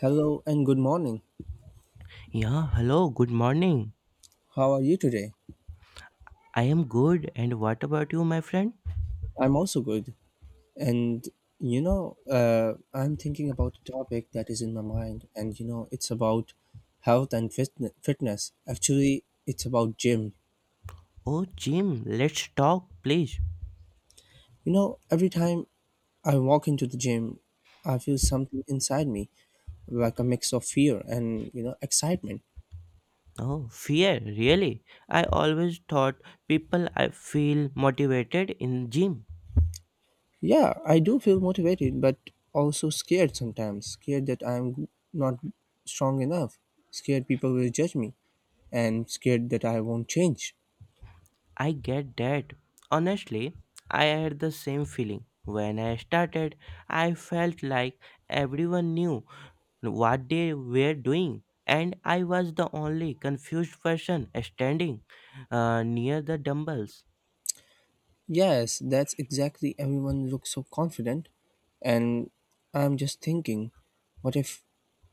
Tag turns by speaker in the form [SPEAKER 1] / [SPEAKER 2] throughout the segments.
[SPEAKER 1] Hello and good morning.
[SPEAKER 2] Yeah, hello, good morning.
[SPEAKER 1] How are you today?
[SPEAKER 2] I am good, and what about you, my friend?
[SPEAKER 1] I'm also good. And I'm thinking about a topic that is in my mind, and it's about health and fitness. Actually, it's about gym.
[SPEAKER 2] Oh, Jim, let's talk, please.
[SPEAKER 1] You know, every time I walk into the gym, I feel something inside me, like a mix of fear and excitement.
[SPEAKER 2] Oh, fear, really? I always thought people I feel motivated in gym.
[SPEAKER 1] Yeah, I do feel motivated, but also scared sometimes. Scared that I'm not strong enough. Scared people will judge me. And scared that I won't change.
[SPEAKER 2] I get that. Honestly, I had the same feeling. When I started, I felt like everyone knew what they were doing, and I was the only confused person standing near the dumbbells.
[SPEAKER 1] Yes, that's exactly everyone looks so confident. And I'm just thinking, what if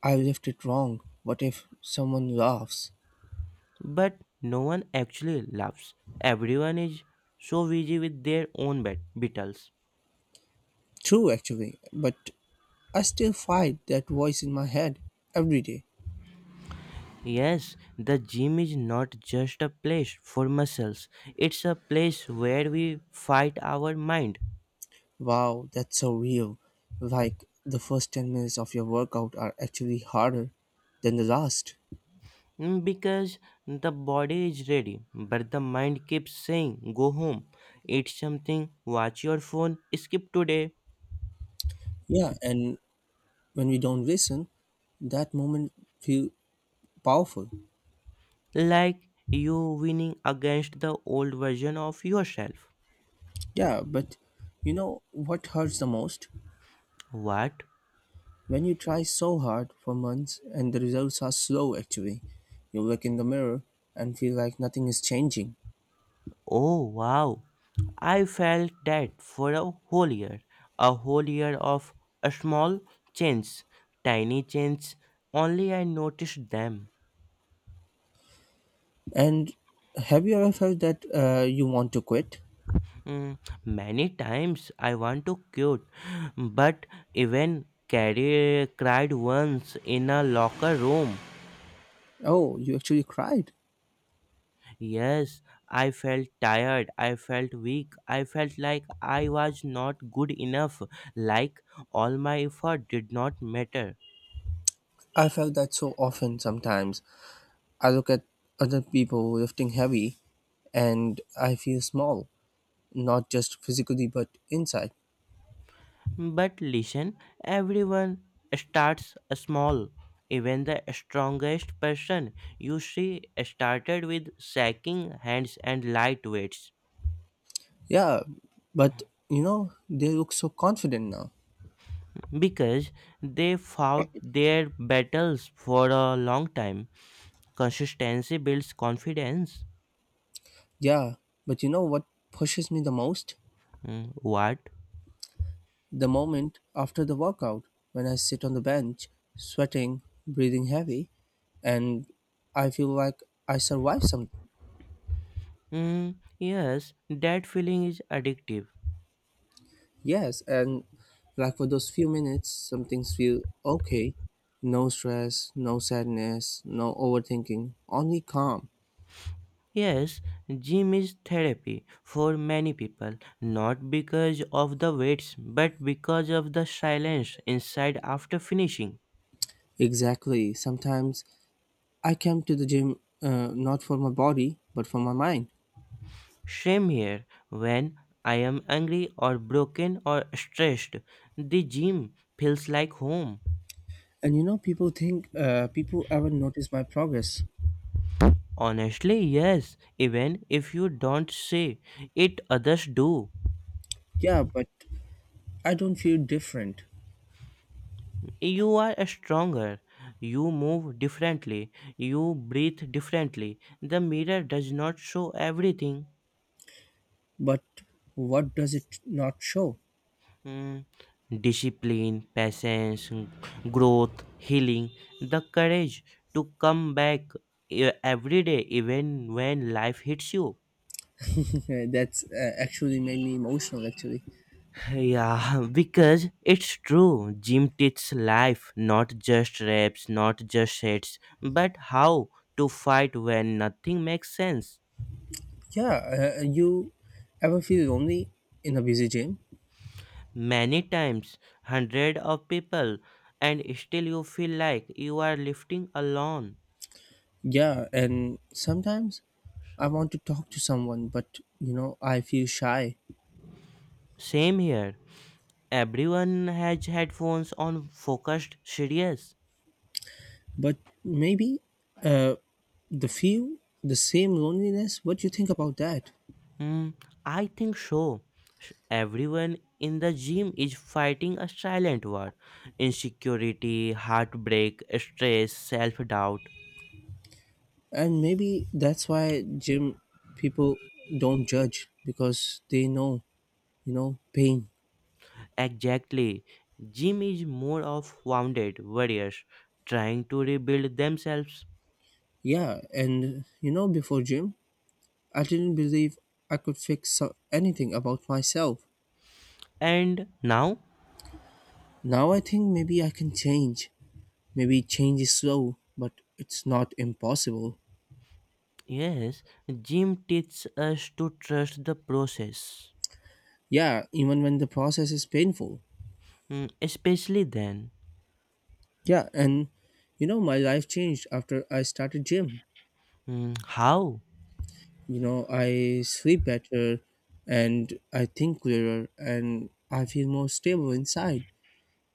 [SPEAKER 1] I left it wrong? What if someone laughs?
[SPEAKER 2] But no one actually laughs. Everyone is so busy with their own battles.
[SPEAKER 1] True, actually, but I still fight that voice in my head every day.
[SPEAKER 2] Yes, the gym is not just a place for muscles, it's a place where we fight our mind.
[SPEAKER 1] Wow, that's so real. Like the first 10 minutes of your workout are actually harder than the last.
[SPEAKER 2] Mm, because the body is ready, but the mind keeps saying, go home, eat something, watch your phone, skip today.
[SPEAKER 1] Yeah, and when we don't listen, that moment feel powerful.
[SPEAKER 2] Like you winning against the old version of yourself.
[SPEAKER 1] Yeah, but you know what hurts the most?
[SPEAKER 2] What?
[SPEAKER 1] When you try so hard for months and the results are slow actually. You look in the mirror and feel like nothing is changing.
[SPEAKER 2] Oh wow, I felt that for a whole year. A whole year of a small change, tiny change, only I noticed them.
[SPEAKER 1] And have you ever felt that you want to quit?
[SPEAKER 2] Mm, many times I want to cute, but even carry, cried once in a locker room.
[SPEAKER 1] Oh, you actually cried.
[SPEAKER 2] Yes, I felt tired, I felt weak, I felt like I was not good enough, like all my effort did not matter.
[SPEAKER 1] I felt that so often sometimes. I look at other people lifting heavy and I feel small, not just physically but inside.
[SPEAKER 2] But listen, everyone starts small. Even the strongest person you see started with shaking hands and light weights
[SPEAKER 1] Yeah, but you know, they look so confident now.
[SPEAKER 2] because they fought their battles for a long time. Consistency builds confidence.
[SPEAKER 1] Yeah, but you know what pushes me the most?
[SPEAKER 2] Mm, what?
[SPEAKER 1] The moment after the workout when I sit on the bench, sweating, breathing heavy, and I feel like I survived something.
[SPEAKER 2] Mm, yes, that feeling is addictive.
[SPEAKER 1] Yes, and like for those few minutes, some things feel okay. No stress, no sadness, no overthinking, only calm.
[SPEAKER 2] Yes, gym is therapy for many people, not because of the weights, but because of the silence inside after finishing.
[SPEAKER 1] Exactly. Sometimes I come to the gym not for my body, but for my mind.
[SPEAKER 2] Same here, when I am angry or broken or stressed, the gym feels like home.
[SPEAKER 1] And you know, people think people haven't noticed my progress.
[SPEAKER 2] Honestly, yes, even if you don't say it, others do.
[SPEAKER 1] Yeah, but I don't feel different.
[SPEAKER 2] You are stronger, you move differently, you breathe differently. The mirror does not show everything.
[SPEAKER 1] But what does it not show?
[SPEAKER 2] Mm, discipline, patience, growth, healing, the courage to come back every day, even when life hits you.
[SPEAKER 1] That's actually made me emotional, actually.
[SPEAKER 2] Yeah, because it's true. Gym teaches life, not just reps, not just sets, but how to fight when nothing makes sense.
[SPEAKER 1] Yeah, you ever feel lonely in a busy gym?
[SPEAKER 2] Many times, hundred of people, and still you feel like you are lifting alone.
[SPEAKER 1] Yeah, and sometimes I want to talk to someone, but I feel shy.
[SPEAKER 2] Same here. Everyone has headphones on focused serious.
[SPEAKER 1] But maybe uh, the feel the same loneliness. What do you think about that?
[SPEAKER 2] Hmm, I think so. Sh- everyone in the gym is fighting a silent war. Insecurity, heartbreak, stress, self doubt.
[SPEAKER 1] And maybe that's why gym people don't judge because they know, pain.
[SPEAKER 2] Exactly. Gym is more of wounded warriors trying to rebuild themselves.
[SPEAKER 1] Yeah, and you know, before gym, I didn't believe I could fix anything about myself.
[SPEAKER 2] And now,
[SPEAKER 1] Now I think maybe I can change. Maybe change is slow, but it's not impossible.
[SPEAKER 2] yes, gym teaches us to trust the process.
[SPEAKER 1] Yeah, even when the process is painful.
[SPEAKER 2] Hmm, especially then.
[SPEAKER 1] Yeah, and you know, my life changed after I started gym.
[SPEAKER 2] Hmm, how?
[SPEAKER 1] You know, I sleep better and I think clearer and I feel more stable inside.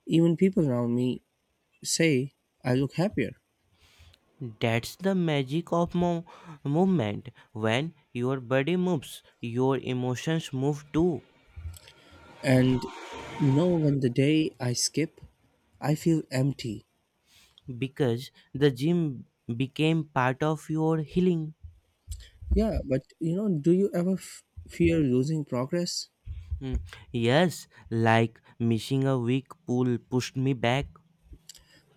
[SPEAKER 1] Even people around me say I look happier.
[SPEAKER 2] That's the magic of movement. When your body moves, your emotions move too.
[SPEAKER 1] And you know, when the day I skip, I feel empty.
[SPEAKER 2] Because the gym became part of your healing.
[SPEAKER 1] Yeah, but you know, do you ever fear losing progress?
[SPEAKER 2] Mm, yes, like missing a week pull pushed me back.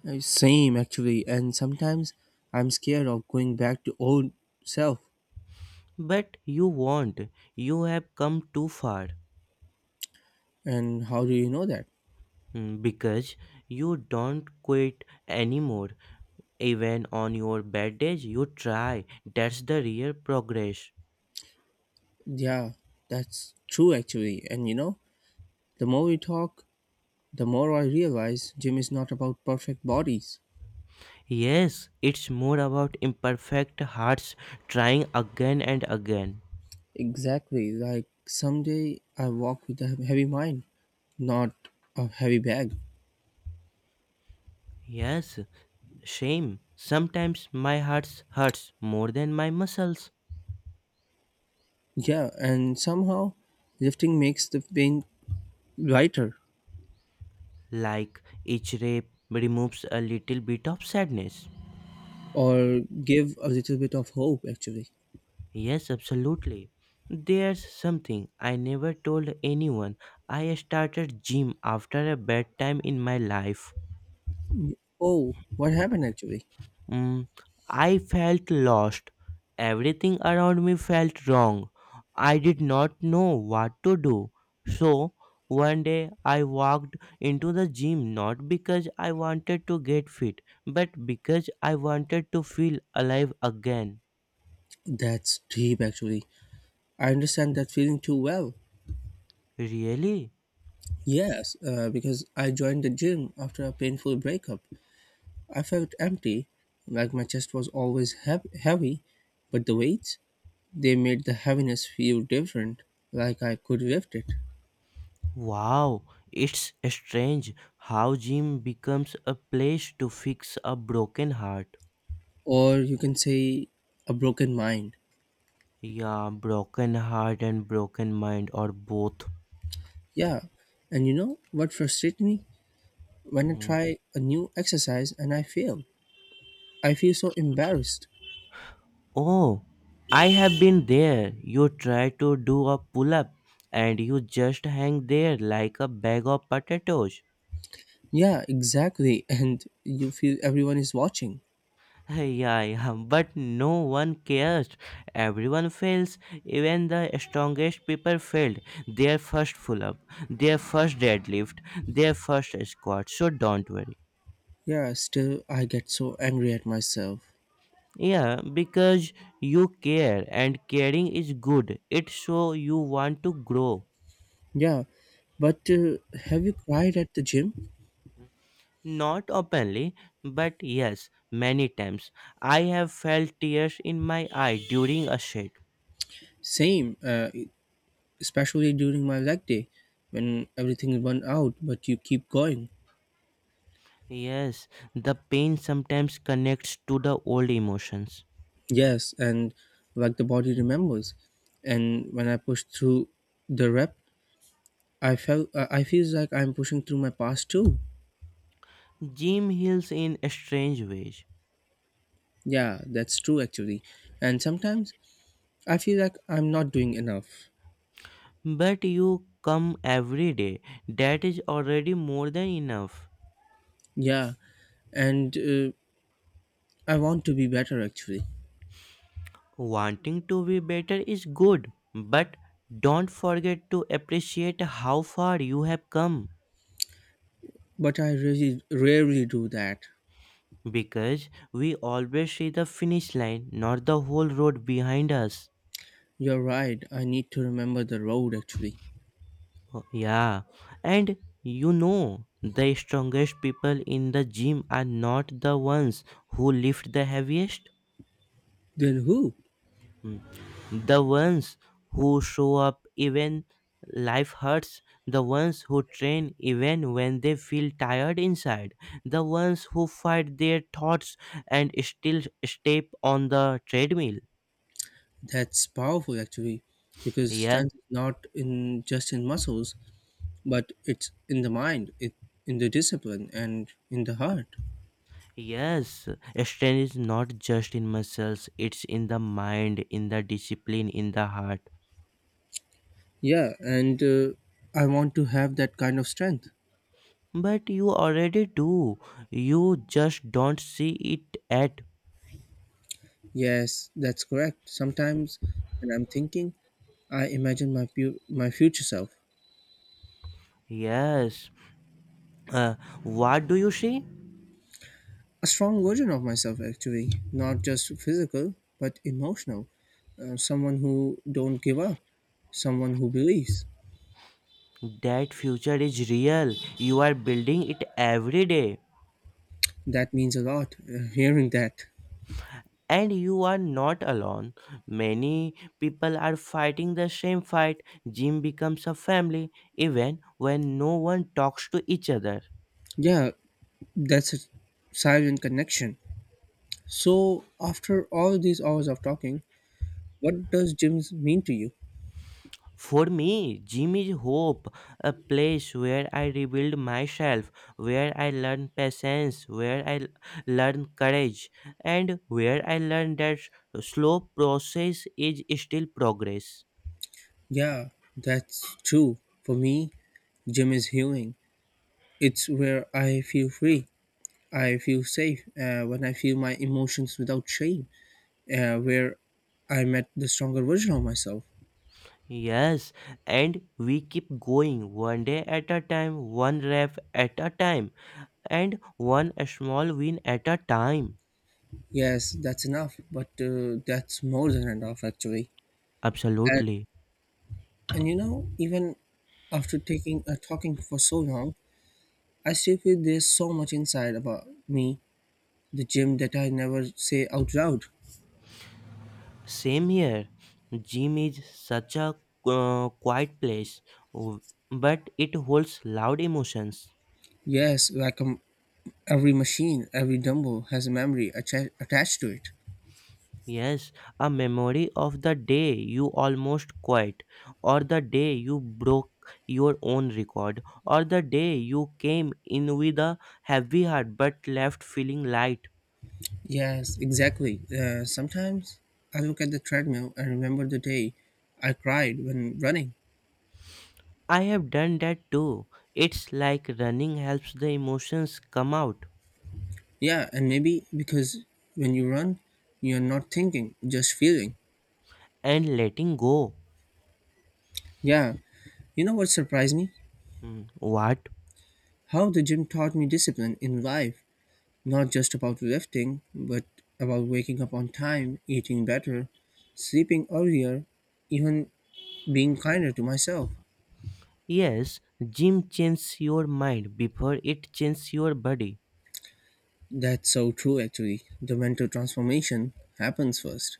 [SPEAKER 1] Same actually, and sometimes I'm scared of going back to old self.
[SPEAKER 2] But you won't. You have come too far.
[SPEAKER 1] And how do you know that?
[SPEAKER 2] Mm, because you don't quit anymore. Even on your bad days, you try. That's the real progress.
[SPEAKER 1] Yeah, that's true actually. And you know, the more we talk, the more I realize gym is not about perfect bodies.
[SPEAKER 2] Yes, it's more about imperfect hearts trying again and again.
[SPEAKER 1] Exactly, like someday I walk with a heavy mind, not a heavy bag.
[SPEAKER 2] Yes, shame. Sometimes my heart hurts more than my muscles.
[SPEAKER 1] Yeah, and somehow lifting makes the pain lighter
[SPEAKER 2] Like each rape removes a little bit of sadness.
[SPEAKER 1] or give a little bit of hope actually.
[SPEAKER 2] Yes, absolutely. There's something I never told anyone. I started gym after a bad time in my life.
[SPEAKER 1] Oh, what happened actually?
[SPEAKER 2] Mm, I felt lost. Everything around me felt wrong. I did not know what to do. So, one day I walked into the gym not because I wanted to get fit, but because I wanted to feel alive again.
[SPEAKER 1] That's deep, actually. I understand that feeling too well.
[SPEAKER 2] Really?
[SPEAKER 1] Yes, because I joined the gym after a painful breakup. I felt empty, like my chest was always heavy, but the weights, they made the heaviness feel different, like I could lift it.
[SPEAKER 2] Wow, it's strange how gym becomes a place to fix a broken heart.
[SPEAKER 1] Or you can say, a broken mind.
[SPEAKER 2] Yeah, broken heart and broken mind are both.
[SPEAKER 1] Yeah, and you know what frustrates me? When I
[SPEAKER 2] Mm.
[SPEAKER 1] try a new exercise and I fail, I feel so embarrassed.
[SPEAKER 2] Oh, I have been there. You try to do a pull up and you just hang there like a bag of potatoes.
[SPEAKER 1] Yeah, exactly, and you feel everyone is watching.
[SPEAKER 2] Yeah, yeah, but no one cares. Everyone fails. Even the strongest people failed their first pull up, their first deadlift, their first squat. So don't worry.
[SPEAKER 1] Yeah, still I get so angry at myself.
[SPEAKER 2] Yeah, because you care and caring is good. It shows you want to grow.
[SPEAKER 1] Yeah, but have you cried at the gym?
[SPEAKER 2] Not openly, but yes, many times. I have felt tears in my eye during a shade.
[SPEAKER 1] Same, especially during my leg day when everything run out, but you keep going.
[SPEAKER 2] Yes, the pain sometimes connects to the old emotions.
[SPEAKER 1] Yes, and like the body remembers. And when I push through the rep, I feel like I'm pushing through my past too.
[SPEAKER 2] Jim heals in strange ways.
[SPEAKER 1] Yeah, that's true actually. And sometimes I feel like I'm not doing enough.
[SPEAKER 2] But you come every day. That is already more than enough.
[SPEAKER 1] Yeah, and I want to be better actually.
[SPEAKER 2] Wanting to be better is good, but don't forget to appreciate how far you have come.
[SPEAKER 1] But I really rarely do that.
[SPEAKER 2] Because we always see the finish line, not the whole road behind us.
[SPEAKER 1] You're right, I need to remember the road actually.
[SPEAKER 2] Oh, yeah, and you know, the strongest people in the gym are not the ones who lift the heaviest,
[SPEAKER 1] Then who?
[SPEAKER 2] the ones who show up even life hurts, the ones who train even when they feel tired inside, the ones who fight their thoughts and still step on the treadmill.
[SPEAKER 1] That's powerful actually, because
[SPEAKER 2] Yeah,
[SPEAKER 1] strength is not in just in muscles, but it's in the mind, it in the discipline and in the heart.
[SPEAKER 2] yes, strength is not just in muscles, it's in the mind, in the discipline, in the heart.
[SPEAKER 1] Yeah, and I want to have that kind of strength.
[SPEAKER 2] But you already do, you just don't see it at.
[SPEAKER 1] Yes, that's correct. Sometimes when I'm thinking, I imagine my future self,
[SPEAKER 2] Yes, uh, what do you see?
[SPEAKER 1] a strong version of myself actually not just physical but emotional, someone who don't give up someone who believes
[SPEAKER 2] That future is real, you are building it every day.
[SPEAKER 1] that means a lot hearing that
[SPEAKER 2] And you are not alone. Many people are fighting the same fight. Gym becomes a family, even when no one talks to each other.
[SPEAKER 1] yeah that's a silent connection so after all these hours of talking what does gym mean to you
[SPEAKER 2] For me, gym is hope, a place where I rebuild myself, where I learn patience, where I learn courage, and where I learn that slow process is still progress.
[SPEAKER 1] yeah that's true for me gym is healing it's where I feel free I feel safe, when I feel my emotions without shame where I met the stronger version of myself.
[SPEAKER 2] Yes, and we keep going one day at a time, one rep at a time, and one small win at a time.
[SPEAKER 1] Yes, that's more than enough actually. And
[SPEAKER 2] Absolutely.
[SPEAKER 1] and you know, even after taking talking for so long, I still feel there's so much inside about me, the gym that I never say out loud.
[SPEAKER 2] Same here. Gym is such a quiet place, w- but it holds loud emotions.
[SPEAKER 1] Yes, like every machine, every dumbbell has a memory attached to it.
[SPEAKER 2] Yes, a memory of the day you almost quit, or the day you broke your own record, or the day you came in with a heavy heart but left feeling light.
[SPEAKER 1] Yes, exactly. Sometimes I look at the treadmill and remember the day I cried when running.
[SPEAKER 2] I have done that too. It's like running helps the emotions come out
[SPEAKER 1] Yeah, and maybe because when you run, you're not thinking, just feeling.
[SPEAKER 2] and letting go.
[SPEAKER 1] Yeah, you know what surprised me?
[SPEAKER 2] Hmm, what?
[SPEAKER 1] How the gym taught me discipline in life, not just about lifting, but about waking up on time, eating better, sleeping earlier, even being kinder to myself.
[SPEAKER 2] Yes, gym changes your mind before it changes your body.
[SPEAKER 1] That's so true, actually. The mental transformation happens first.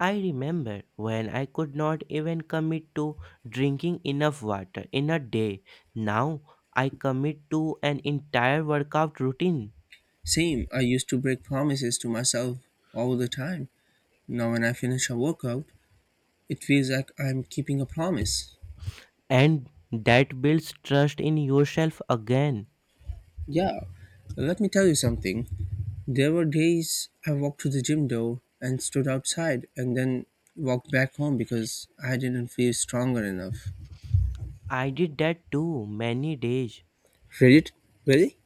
[SPEAKER 2] I remember when I could not even commit to drinking enough water in a day. Now I commit to an entire workout routine,
[SPEAKER 1] Same, I used to break promises to myself all the time. Now, when I finish a workout, it feels like I'm keeping a promise.
[SPEAKER 2] and that builds trust in yourself again.
[SPEAKER 1] Yeah, let me tell you something. There were days I walked to the gym door and stood outside and then walked back home because I didn't feel stronger enough.
[SPEAKER 2] I did that too many days.
[SPEAKER 1] Reddit? Really?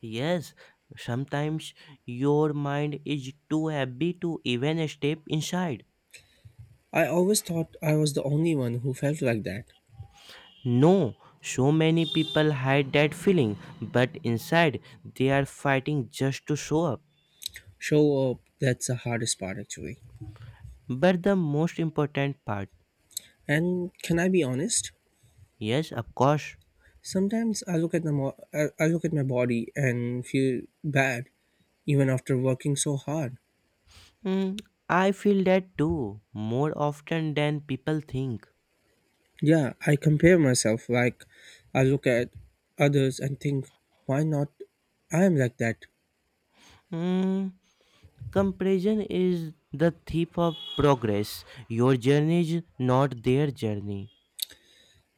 [SPEAKER 2] Yes, sometimes your mind is too heavy to even step inside.
[SPEAKER 1] I always thought I was the only one who felt like that.
[SPEAKER 2] No, so many people hide that feeling, but inside they are fighting just to show up.
[SPEAKER 1] Show up, that's the hardest part actually.
[SPEAKER 2] But the most important part,
[SPEAKER 1] And can I be honest?
[SPEAKER 2] yes, of course.
[SPEAKER 1] Sometimes I look at the I look at my body and feel bad even after working so hard.
[SPEAKER 2] Hmm, I feel that too, more often than people think.
[SPEAKER 1] Yeah, I compare myself. Like, I look at others and think, why not? I am like that.
[SPEAKER 2] Hmm, comparison is the thief of progress. Your journey is not their journey.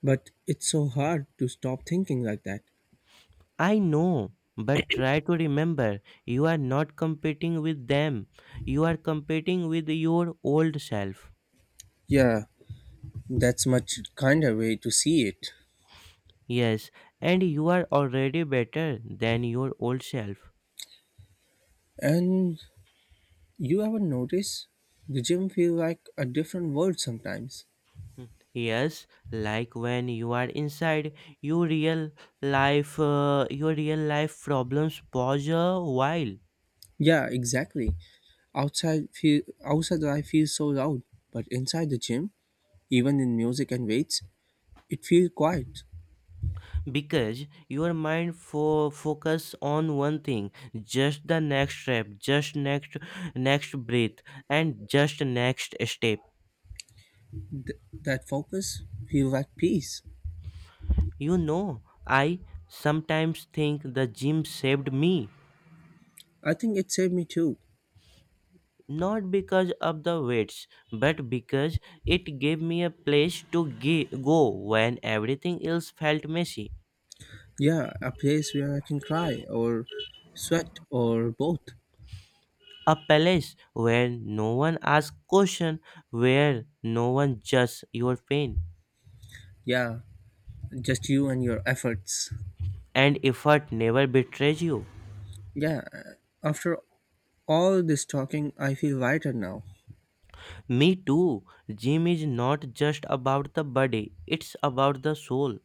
[SPEAKER 1] But it's so hard to stop thinking like that.
[SPEAKER 2] I know, but try to remember you are not competing with them, you are competing with your old self.
[SPEAKER 1] Yeah, that's much kinder way to see it.
[SPEAKER 2] Yes, and you are already better than your old self.
[SPEAKER 1] And you ever notice the gym feel like a different world sometimes?
[SPEAKER 2] Hmm. Yes, like when you are inside your real your real life problems pause a while
[SPEAKER 1] Yeah, exactly. Outside life feels so loud, but inside the gym, even in music and weights, it feels quiet.
[SPEAKER 2] because your mind focus on one thing, just the next step, just next breath, and just next step.
[SPEAKER 1] That focus feel like peace.
[SPEAKER 2] You know, I sometimes think the gym saved me
[SPEAKER 1] I think it saved me too.
[SPEAKER 2] not because of the weights but because it gave me a place to go when everything else felt messy,
[SPEAKER 1] Yeah, a place where I can cry or sweat or both.
[SPEAKER 2] a place where no one asks question, where no one judges your pain,
[SPEAKER 1] Yeah, just you and your efforts.
[SPEAKER 2] and effort never betrays you.
[SPEAKER 1] Yeah, after all this talking, I feel lighter now.
[SPEAKER 2] Me too. Gym is not just about the body, it's about the soul.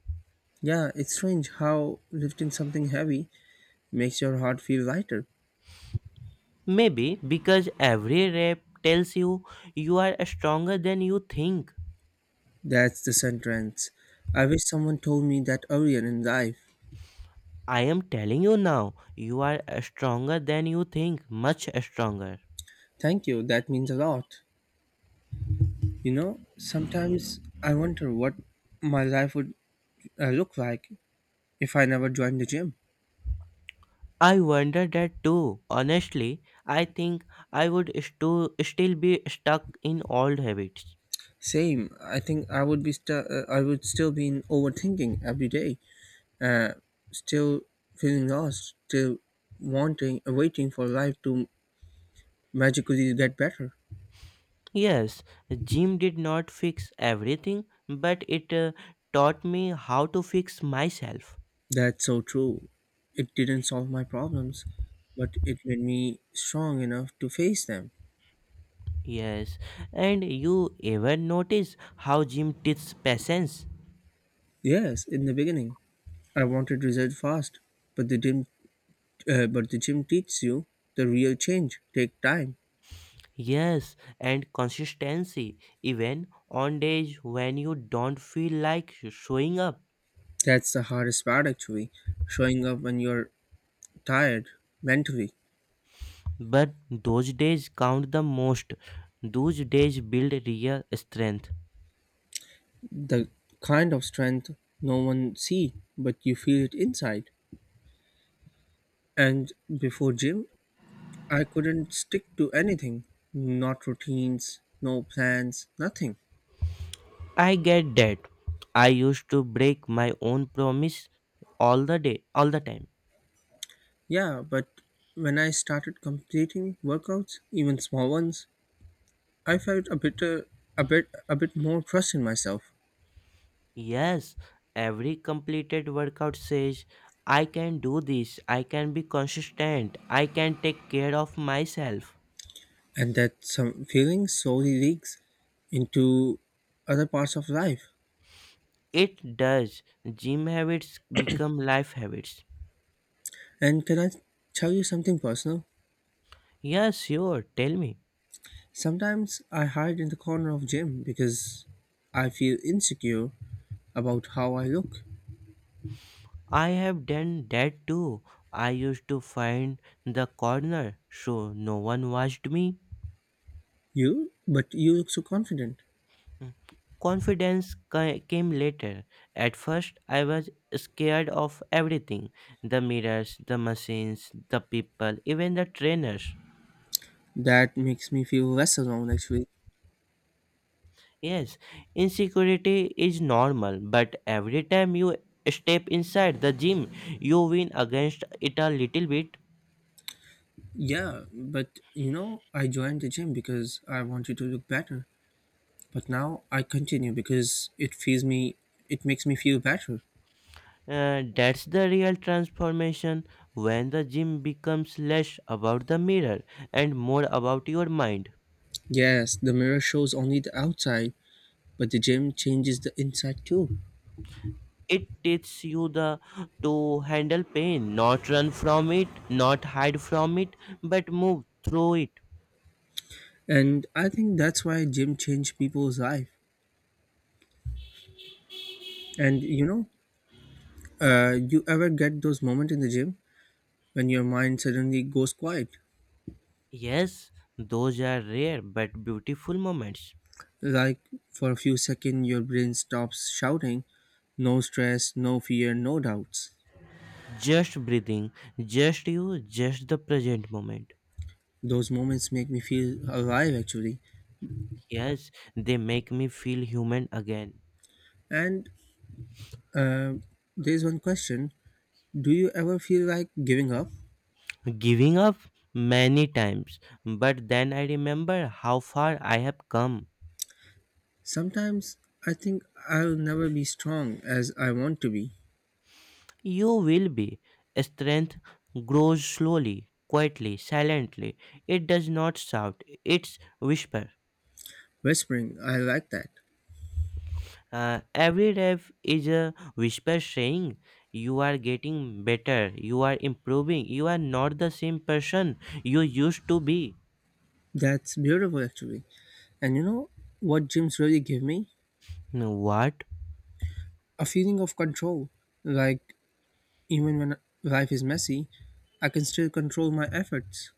[SPEAKER 1] Yeah, it's strange how lifting something heavy makes your heart feel lighter.
[SPEAKER 2] Maybe because every rep tells you you are stronger than you think.
[SPEAKER 1] That's the sentence. I wish someone told me that earlier in life.
[SPEAKER 2] I am telling you now, you are stronger than you think, much stronger.
[SPEAKER 1] Thank you, that means a lot. You know, sometimes I wonder what my life would look like if I never joined the gym.
[SPEAKER 2] I wonder that too. Honestly, I think I would still be stuck in old habits.
[SPEAKER 1] Same. I think I would be I would still be in overthinking every day. Uh, Still feeling lost. Still wanting, waiting for life to magically get better.
[SPEAKER 2] Yes, gym did not fix everything, but it taught me how to fix myself.
[SPEAKER 1] That's so true. It didn't solve my problems, but it made me strong enough to face them.
[SPEAKER 2] Yes, and you ever notice how gym teaches patience?
[SPEAKER 1] Yes, in the beginning, I wanted results fast, but the gym teaches you the real change take time.
[SPEAKER 2] Yes, and consistency, even on days when you don't feel like showing up.
[SPEAKER 1] That's the hardest part, actually, showing up when you're tired mentally.
[SPEAKER 2] But those days count the most. Those days build real strength.
[SPEAKER 1] The kind of strength no one see but you feel it inside and before gym I couldn't stick to anything not routines no plans nothing
[SPEAKER 2] I get that. I used to break my own promise all the day, all the time.
[SPEAKER 1] yeah but when I started completing workouts even small ones I felt a bit more trust in myself
[SPEAKER 2] Yes, every completed workout says, I can do this, I can be consistent, I can take care of myself.
[SPEAKER 1] and that some feeling slowly leaks into other parts of life
[SPEAKER 2] It does. Gym habits become life habits.
[SPEAKER 1] and can I tell you something personal.
[SPEAKER 2] Yeah, sure. Tell me.
[SPEAKER 1] Sometimes I hide in the corner of gym because I feel insecure about how I look.
[SPEAKER 2] I have done that too. I used to find the corner so no one watched me.
[SPEAKER 1] You? But you look so confident.
[SPEAKER 2] Confidence came later. At first, I was scared of everything, the mirrors, the machines, the people, even the trainers.
[SPEAKER 1] That makes me feel less alone actually.
[SPEAKER 2] Yes, insecurity is normal, but every time you step inside the gym, you win against it a little bit.
[SPEAKER 1] Yeah, but you know, I joined the gym because I wanted to look better. But now I continue because it makes me feel better.
[SPEAKER 2] That's the real transformation, when the gym becomes less about the mirror and more about your mind.
[SPEAKER 1] Yes, the mirror shows only the outside, but the gym changes the inside too.
[SPEAKER 2] It teaches you the to handle pain, not run from it, not hide from it, but move through it.
[SPEAKER 1] And I think that's why gym changed people's life. And you ever get those moments in the gym when your mind suddenly goes quiet?
[SPEAKER 2] Yes, those are rare but beautiful moments.
[SPEAKER 1] Like for a few seconds, your brain stops shouting, no stress, no fear, no doubts.
[SPEAKER 2] Just breathing, just you, just the present moment.
[SPEAKER 1] Those moments make me feel alive actually.
[SPEAKER 2] Yes, they make me feel human again.
[SPEAKER 1] And uh, there's one question. Do you ever feel like giving up?
[SPEAKER 2] Giving up many times, but then I remember how far I have come.
[SPEAKER 1] Sometimes I think I'll never be strong as I want to be.
[SPEAKER 2] You will be. Strength grows slowly, quietly, silently. It does not shout, it's whisper.
[SPEAKER 1] Whispering, I like that.
[SPEAKER 2] Every rep is a whisper saying, you are getting better, you are improving, you are not the same person you used to be.
[SPEAKER 1] That's beautiful actually. And you know what gyms really give me?
[SPEAKER 2] What?
[SPEAKER 1] A feeling of control. Like, even when life is messy, I can still control my efforts.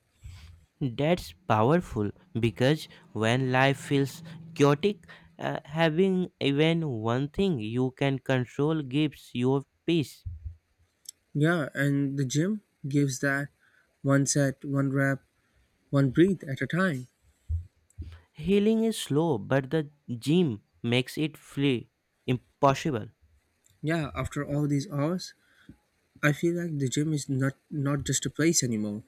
[SPEAKER 2] That's powerful because when life feels chaotic, having even one thing you can control gives you peace.
[SPEAKER 1] Yeah, and the gym gives that one set, one rep, one breathe at a time.
[SPEAKER 2] Healing is slow, but the gym makes it free, impossible.
[SPEAKER 1] Yeah, after all these hours, I feel like the gym is not just a place anymore.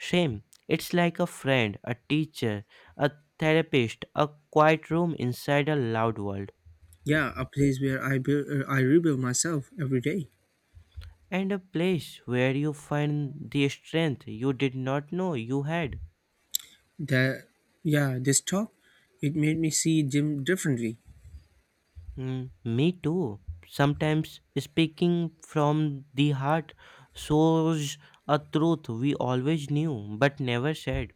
[SPEAKER 2] Same, it's like a friend, a teacher, a therapist, a quiet room inside a loud world,
[SPEAKER 1] Yeah, a place where I rebuild myself every day.
[SPEAKER 2] and a place where you find the strength you did not know you had.
[SPEAKER 1] That, yeah, this talk, it made me see gym differently.
[SPEAKER 2] Mm, me too. Sometimes speaking from the heart shows a truth we always knew but never said.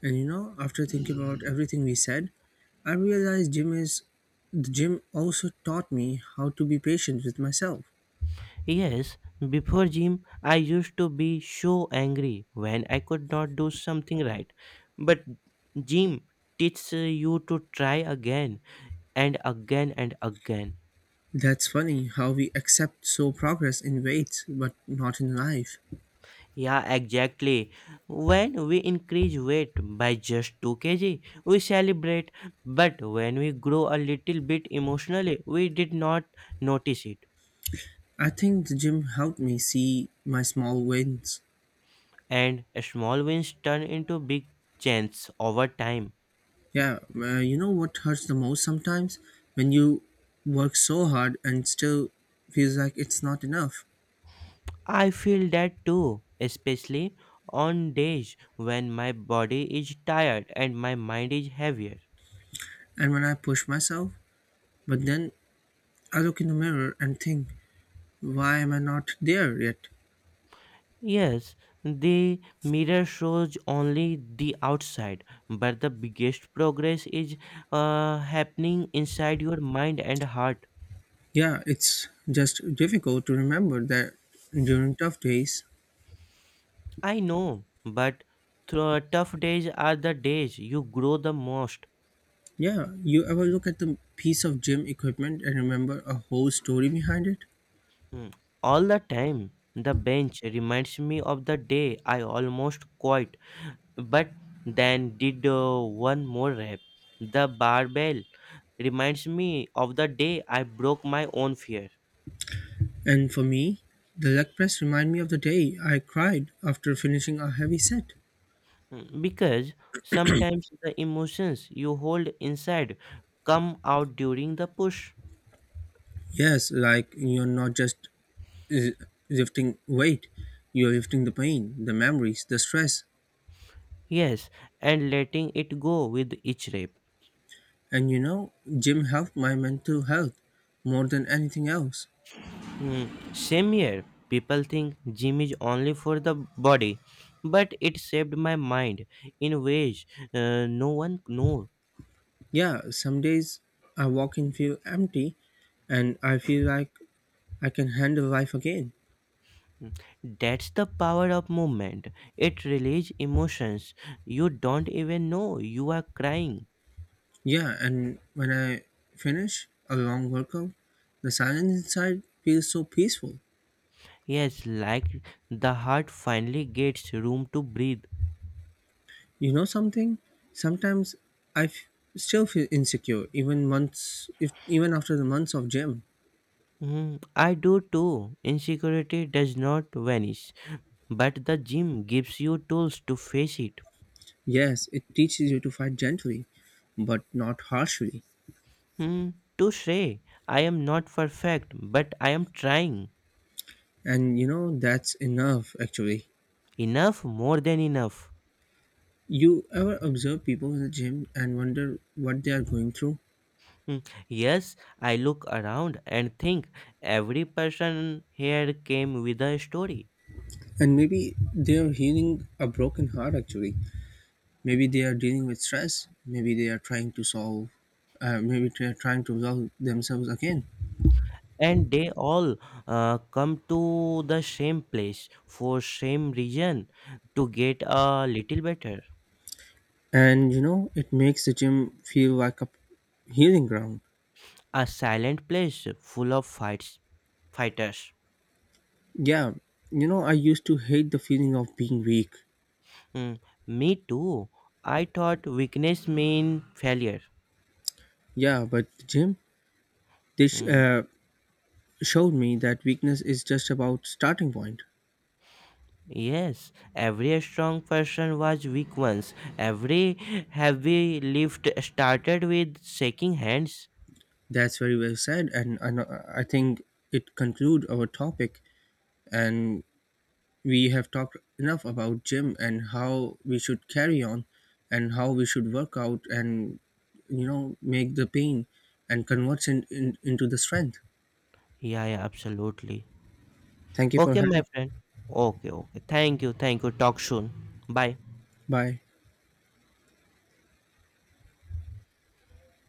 [SPEAKER 1] And you know, after thinking about everything we said, I realized gym is the gym also taught me how to be patient with myself.
[SPEAKER 2] Yes, before gym, I used to be so angry when I could not do something right. But gym teaches you to try again and again and again.
[SPEAKER 1] That's funny how we accept so progress in weights but not in life.
[SPEAKER 2] Yeah, exactly. When we increase weight by just 2 kg, we celebrate, but when we grow a little bit emotionally, we did not notice it.
[SPEAKER 1] I think the gym helped me see my small wins.
[SPEAKER 2] And small wins turn into big changes over time.
[SPEAKER 1] Yeah, you know what hurts the most sometimes when you work so hard and still feels like it's not enough.
[SPEAKER 2] I feel that too, especially on days when my body is tired and my mind is heavier.
[SPEAKER 1] And when I push myself, but then I look in the mirror and think, why am I not there yet?
[SPEAKER 2] Yes, the mirror shows only the outside, but the biggest progress is happening inside your mind and heart.
[SPEAKER 1] Yeah, it's just difficult to remember that during tough days.
[SPEAKER 2] I know, but tough days are the days you grow the most.
[SPEAKER 1] Yeah, you ever look at the piece of gym equipment and remember a whole story behind it?
[SPEAKER 2] Hmm. All the time, the bench reminds me of the day I almost quit, but then did one more rep. The barbell reminds me of the day I broke my own fear.
[SPEAKER 1] And for me, the leg press remind me of the day I cried after finishing a heavy set.
[SPEAKER 2] Mm, because sometimes the emotions you hold inside come out during the push.
[SPEAKER 1] Yes, like you're not just uh, lifting weight, you're lifting the pain, the memories, the stress.
[SPEAKER 2] Yes, and letting it go with each rep.
[SPEAKER 1] And you know, gym helped my mental health more than anything else.
[SPEAKER 2] Mm, same here, people think gym is only for the body, but it shaped my mind in ways, no one knows.
[SPEAKER 1] Yeah, some days I walk in feel empty and I feel like I can handle life again.
[SPEAKER 2] Mm, that's the power of movement. It releases emotions you don't even know you are crying.
[SPEAKER 1] Yeah, and when I finish a long workout, the silence inside feels so peaceful.
[SPEAKER 2] Yes, like the heart finally gets room to breathe.
[SPEAKER 1] You know something? Sometimes I f- still feel insecure even months if even after the months of gym.
[SPEAKER 2] Hmm, I do too. Insecurity does not vanish, but the gym gives you tools to face it.
[SPEAKER 1] Yes, it teaches you to fight gently, but not harshly.
[SPEAKER 2] Hmm, to say, I am not perfect, but I am trying.
[SPEAKER 1] And you know that's enough actually.
[SPEAKER 2] Enough, more than enough.
[SPEAKER 1] You ever observe people in the gym and wonder what they are going through?
[SPEAKER 2] Hmm, yes, I look around and think every person here came with a story.
[SPEAKER 1] And maybe they are healing a broken heart actually. Maybe they are dealing with stress. Maybe they are trying to maybe they are trying to resolve themselves again.
[SPEAKER 2] And they all come to the same place for same reason to get a little better.
[SPEAKER 1] And you know, it makes the gym feel like a healing ground.
[SPEAKER 2] A silent place full of fights, fighters.
[SPEAKER 1] Yeah, you know, I used to hate the feeling of being weak.
[SPEAKER 2] Mm, me too. I thought weakness mean failure.
[SPEAKER 1] Yeah, but the gym, they sh-
[SPEAKER 2] Mm,
[SPEAKER 1] uh, showed me that weakness is just about starting point.
[SPEAKER 2] yes, every strong person was weak once. Every heavy lift started with shaking hands.
[SPEAKER 1] That's very well said, and I know- I think it concludes our topic. And we have talked enough about gym and how we should carry on, and how we should work out and you know make the pain and converts into the strength.
[SPEAKER 2] Yeah, yeah, absolutely.
[SPEAKER 1] Thank you for
[SPEAKER 2] Okay, my
[SPEAKER 1] having.
[SPEAKER 2] friend. Okay, okay. Thank you, thank you. Talk soon. Bye.
[SPEAKER 1] Bye.